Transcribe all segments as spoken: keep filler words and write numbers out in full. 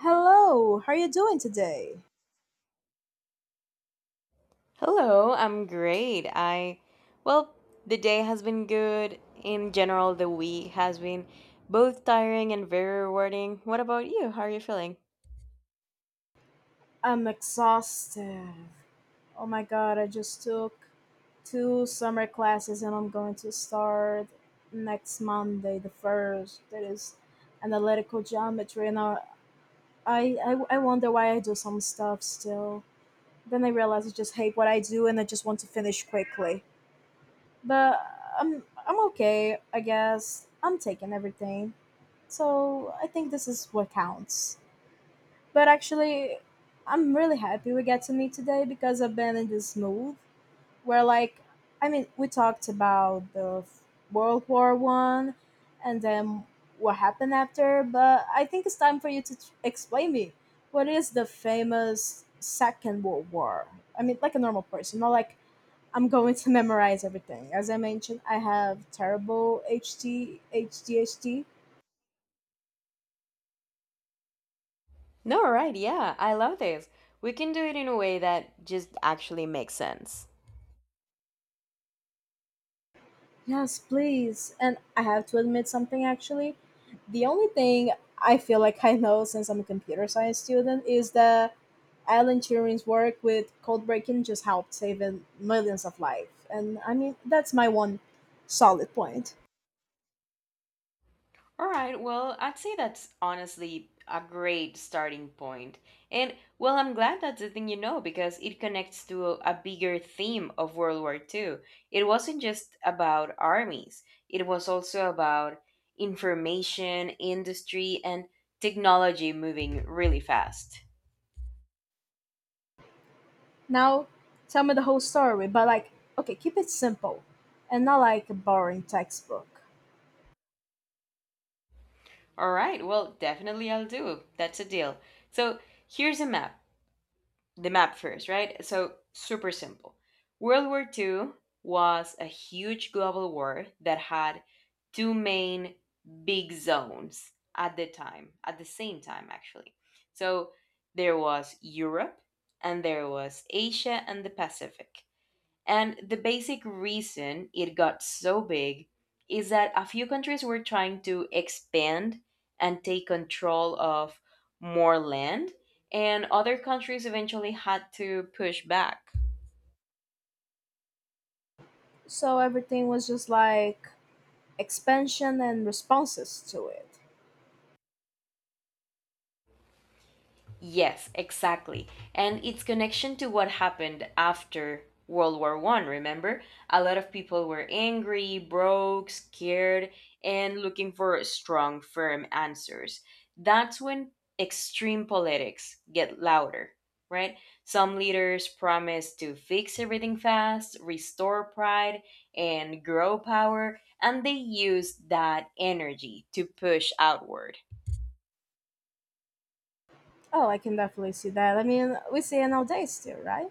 Hello, how are you doing today? Hello, I'm great. I, well, the day has been good. In general, the week has been both tiring and very rewarding. What about you? How are you feeling? I'm exhausted. Oh my god, I just took two summer classes and I'm going to start next Monday, the first. That is analytical geometry, and I, I, I wonder why I do some stuff still. Then I realize I just hate what I do and I just want to finish quickly. But I'm, I'm okay, I guess. I'm taking everything. So I think this is what counts. But actually, I'm really happy we get to meet today because I've been in this mood where, like, I mean, we talked about the f- World War One and then what happened after. But I think it's time for you to t- explain me what is the famous Second World War. I mean, like a normal person, not like I'm going to memorize everything. As I mentioned, I have terrible H D H D H D. No, right, yeah, I love this. We can do it in a way that just actually makes sense. Yes, please. And I have to admit something actually. The only thing I feel like I know since I'm a computer science student is that Alan Turing's work with code breaking just helped save in millions of lives. And I mean, that's my one solid point. All right, well, I'd say that's honestly a great starting point. And, well, I'm glad that's the thing you know because it connects to a, a bigger theme of World War Two. It wasn't just about armies, it was also about information, industry, and technology moving really fast. Now, tell me the whole story, but like, okay, keep it simple and not like a boring textbook. All right, well, definitely I'll do. That's a deal. So here's a map. The map first, right? So, super simple. World War Two was a huge global war that had two main big zones at the time, at the same time, actually. So, there was Europe and there was Asia and the Pacific. And the basic reason it got so big is that a few countries were trying to expand and take control of more land, and other countries eventually had to push back. So everything was just like expansion and responses to it. Yes, exactly. And its connection to what happened after World War One, remember? A lot of people were angry, broke, scared, and looking for strong, firm answers. That's when extreme politics get louder, right? Some leaders promise to fix everything fast, restore pride, and grow power, and they use that energy to push outward. Oh, I can definitely see that. I mean, we see it nowadays still, right?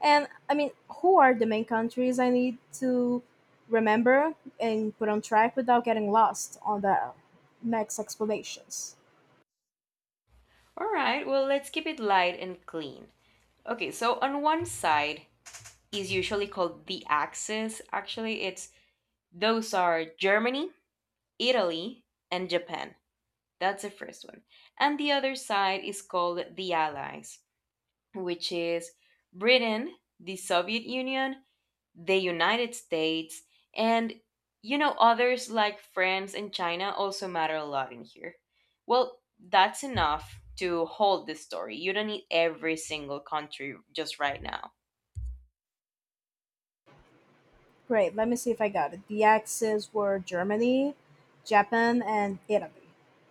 And I mean, who are the main countries I need to remember and put on track without getting lost on the next explanations? All right, well, let's keep it light and clean. Okay, so on one side is usually called the axis. Actually, it's Those are Germany, Italy, and Japan. That's the first one. And the other side is called the allies, which is Britain, the Soviet Union, the United States, and you know others like France and China also matter a lot in here. Well, that's enough to hold the story. You don't need every single country just right now. Great, let me see if I got it. The axis were Germany, Japan, and Italy.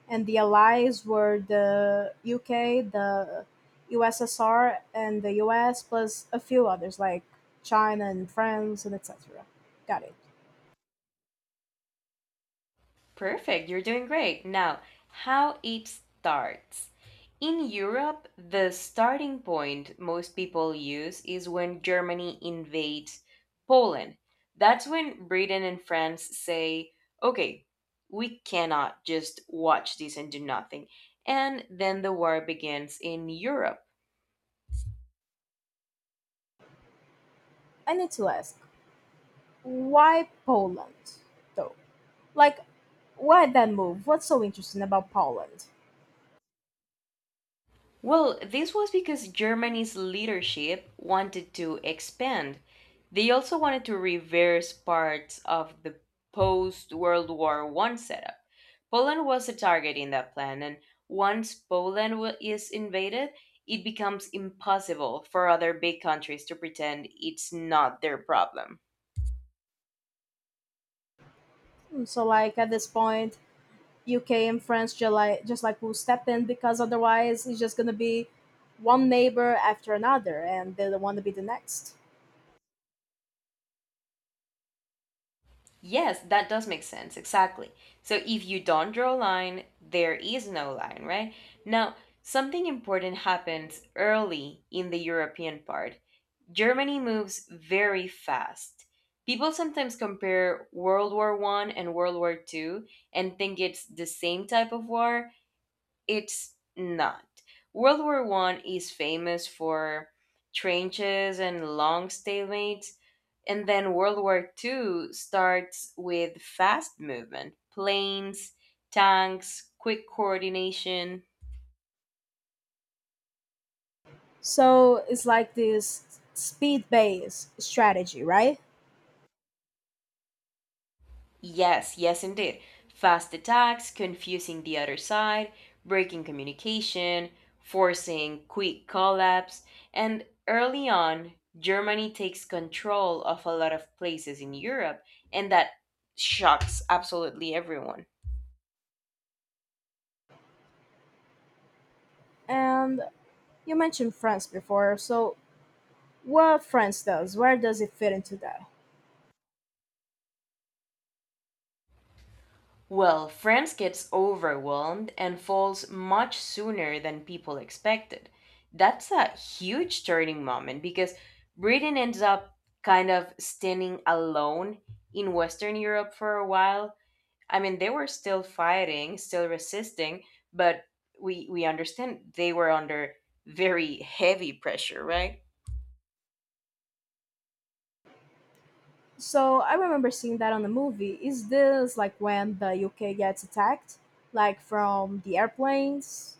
And the allies were the U K, the U S S R, and the U S, plus a few others like China and France, and et cetera. Got it. Perfect. You're doing great. Now, how it starts. In Europe, the starting point most people use is when Germany invades Poland. That's when Britain and France say, okay, we cannot just watch this and do nothing. And then the war begins in Europe. I need to ask, why Poland, though? Like, why that move? What's so interesting about Poland? Well, this was because Germany's leadership wanted to expand. They also wanted to reverse parts of the post World War One setup. Poland was a target in that plan, and once Poland wa- is invaded, it becomes impossible for other big countries to pretend it's not their problem. Hmm. So, like at this point, U K and France just like just like will step in because otherwise it's just gonna be one neighbor after another, and they don't want to be the next. Yes, that does make sense. Exactly. So if you don't draw a line, there is no line, right? Now, something important happens early in the European part. Germany moves very fast. People sometimes compare World War one and World War two and think it's the same type of war, it's not. World War One is famous for trenches and long stalemates, and then World War Two starts with fast movement, planes, tanks, quick coordination. So it's like this speed-based strategy, right? Yes, yes, indeed. Fast attacks, confusing the other side, breaking communication, forcing quick collapse, and early on, Germany takes control of a lot of places in Europe, and that shocks absolutely everyone. And you mentioned France before, so what France does? Where does it fit into that? Well, France gets overwhelmed and falls much sooner than people expected. That's a huge turning moment because Britain ends up kind of standing alone in Western Europe for a while. I mean, they were still fighting, still resisting, but we we understand they were under very heavy pressure, right? So I remember seeing that on the movie. Is this like when the U K gets attacked, like from the airplanes?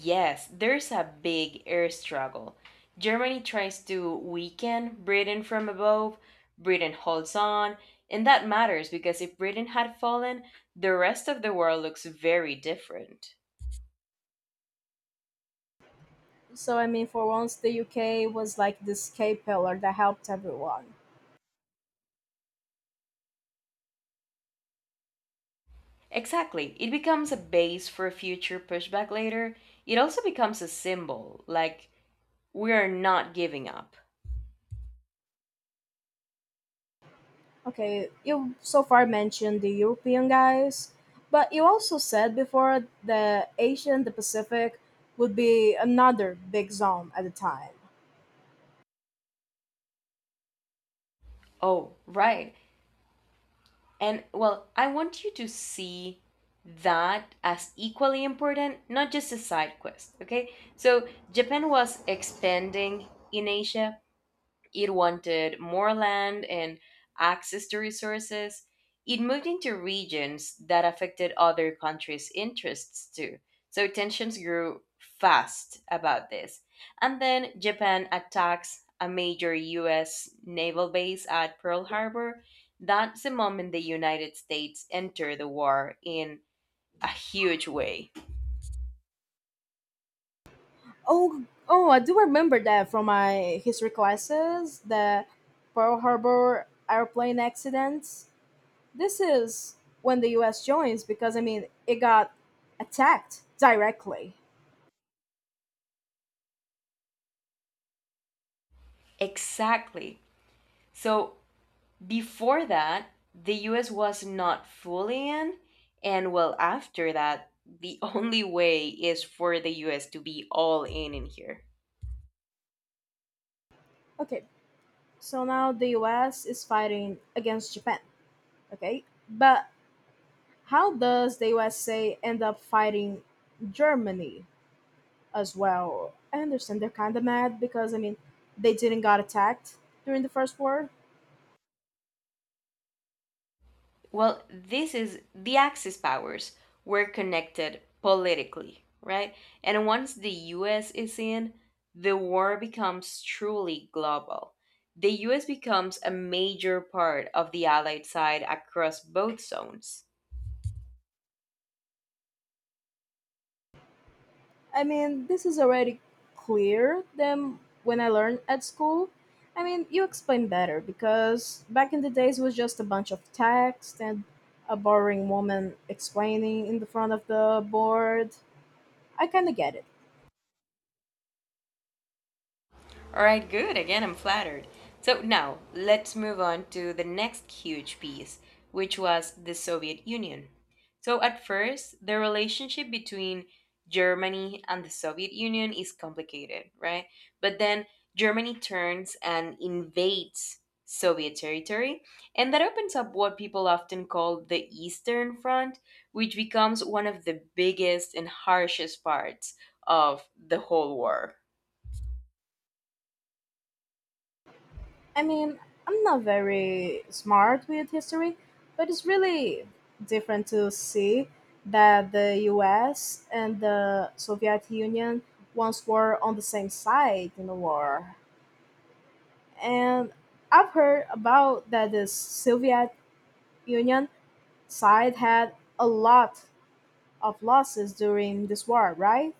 Yes, there's a big air struggle. Germany tries to weaken Britain from above, Britain holds on, and that matters because if Britain had fallen, the rest of the world looks very different. So I mean, for once, the U K was like the escape pillar that helped everyone. Exactly, it becomes a base for future pushback later. It also becomes a symbol, like, we are not giving up. Okay, you so far mentioned the European guys, but you also said before the Asia and the Pacific would be another big zone at the time. Oh, right. And well, I want you to see that as equally important, not just a side quest, okay? So Japan was expanding in Asia, it wanted more land and access to resources. It moved into regions that affected other countries' interests too. So tensions grew fast about this. And then Japan attacks a major U S naval base at Pearl Harbor. That's the moment the United States entered the war in a huge way. Oh, oh, I do remember that from my history classes. The Pearl Harbor airplane accidents. This is when the U S joins because I mean it got attacked directly. Exactly. So before that, the U S was not fully in, and well, after that, the only way is for the U S to be all in in here. Okay, so now the U S is fighting against Japan, okay? But how does the U S A end up fighting Germany as well? I understand they're kind of mad because I mean they didn't got attacked during the first war. Well, this is the Axis powers were connected politically, right? And once the U S is in, the war becomes truly global. The U S becomes a major part of the Allied side across both zones. I mean, this is already clear than when I learned at school. I mean, you explain better because back in the days it was just a bunch of text and a boring woman explaining in the front of the board. I kind of get it. All right, good. Again, I'm flattered. So now let's move on to the next huge piece, which was the Soviet Union. So at first, the relationship between Germany and the Soviet Union is complicated, right? But then Germany turns and invades Soviet territory, and that opens up what people often call the Eastern Front, which becomes one of the biggest and harshest parts of the whole war. I mean, I'm not very smart with history, but it's really different to see that the U S and the Soviet Union once were on the same side in the war. And I've heard about that the Soviet Union side had a lot of losses during this war, right?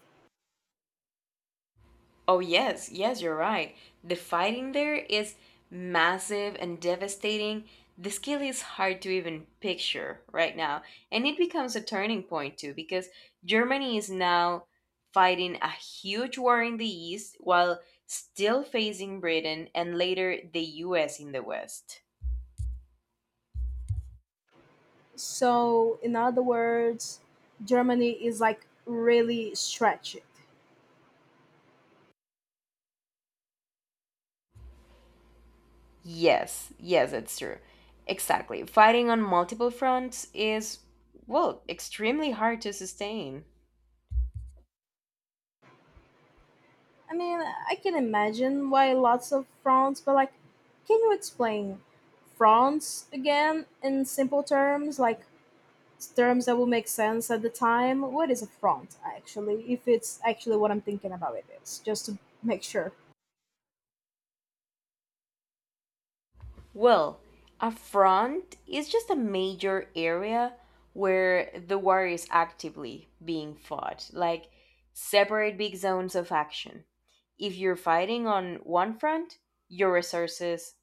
Oh, yes, yes, you're right. The fighting there is massive and devastating. The skill is hard to even picture right now. And it becomes a turning point, too, because Germany is now fighting a huge war in the East while still facing Britain and later the U S in the West. So, in other words, Germany is like really stretched. Yes, yes, that's true. Exactly. Fighting on multiple fronts is, well, extremely hard to sustain. I mean, I can imagine why lots of fronts, but like, can you explain fronts again in simple terms, like terms that will make sense at the time? What is a front actually, if it's actually what I'm thinking about it is, just to make sure. Well, a front is just a major area where the war is actively being fought, like separate big zones of action. If you're fighting on one front, your resources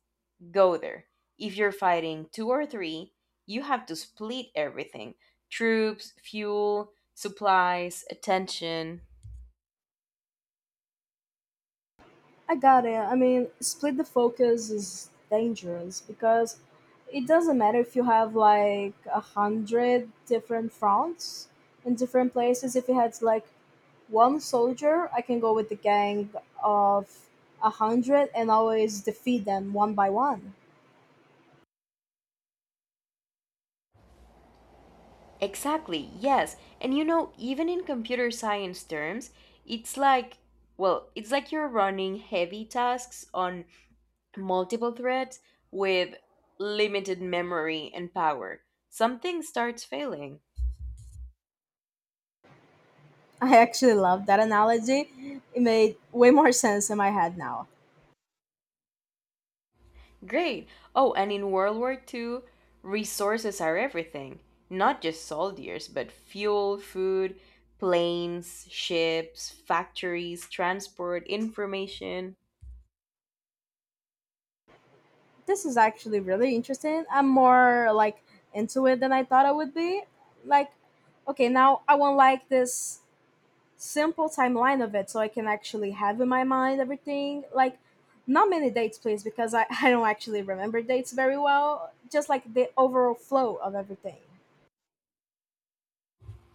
go there. If you're fighting two or three, you have to split everything troops, fuel, supplies, attention. I got it. I mean, split the focus is dangerous because it doesn't matter if you have like a hundred different fronts in different places. If you had like one soldier, I can go with the gang of a hundred and always defeat them one by one. Exactly, yes. And you know, even in computer science terms, it's like, well, it's like you're running heavy tasks on multiple threads with limited memory and power. Something starts failing. I actually love that analogy. It made way more sense in my head now. Great. Oh, and in World War Two, resources are everything. Not just soldiers, but fuel, food, planes, ships, factories, transport, information. This is actually really interesting. I'm more like into it than I thought I would be. Like, okay, now I want like this simple timeline of it so I can actually have in my mind everything. Like, not many dates, please, because I, I don't actually remember dates very well. Just like the overall flow of everything.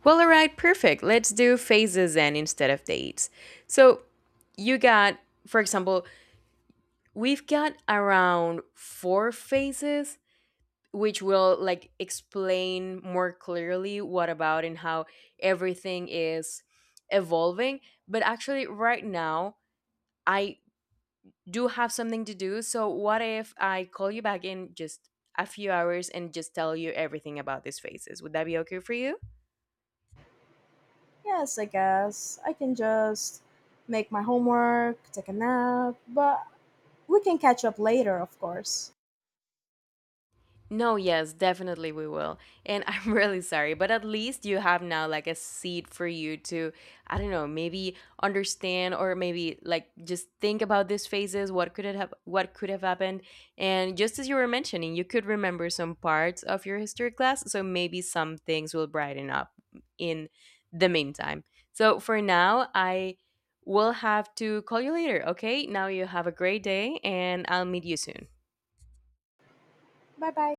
Well, all right, perfect. Let's do phases then instead of dates. So you got, for example, we've got around four phases, which will like explain more clearly what about and how everything is evolving. But actually, right now, I do have something to do. So what if I call you back in just a few hours and just tell you everything about these phases? Would that be okay for you? Yes, I guess. I can just make my homework, take a nap, but we can catch up later, of course. No, yes, definitely we will. And I'm really sorry, but at least you have now like a seed for you to, I don't know, maybe understand or maybe like just think about these phases, what could it have what could have happened. And just as you were mentioning, you could remember some parts of your history class, so maybe some things will brighten up in the meantime. So for now, I will have to call you later, okay? Now you have a great day and I'll meet you soon. Bye bye.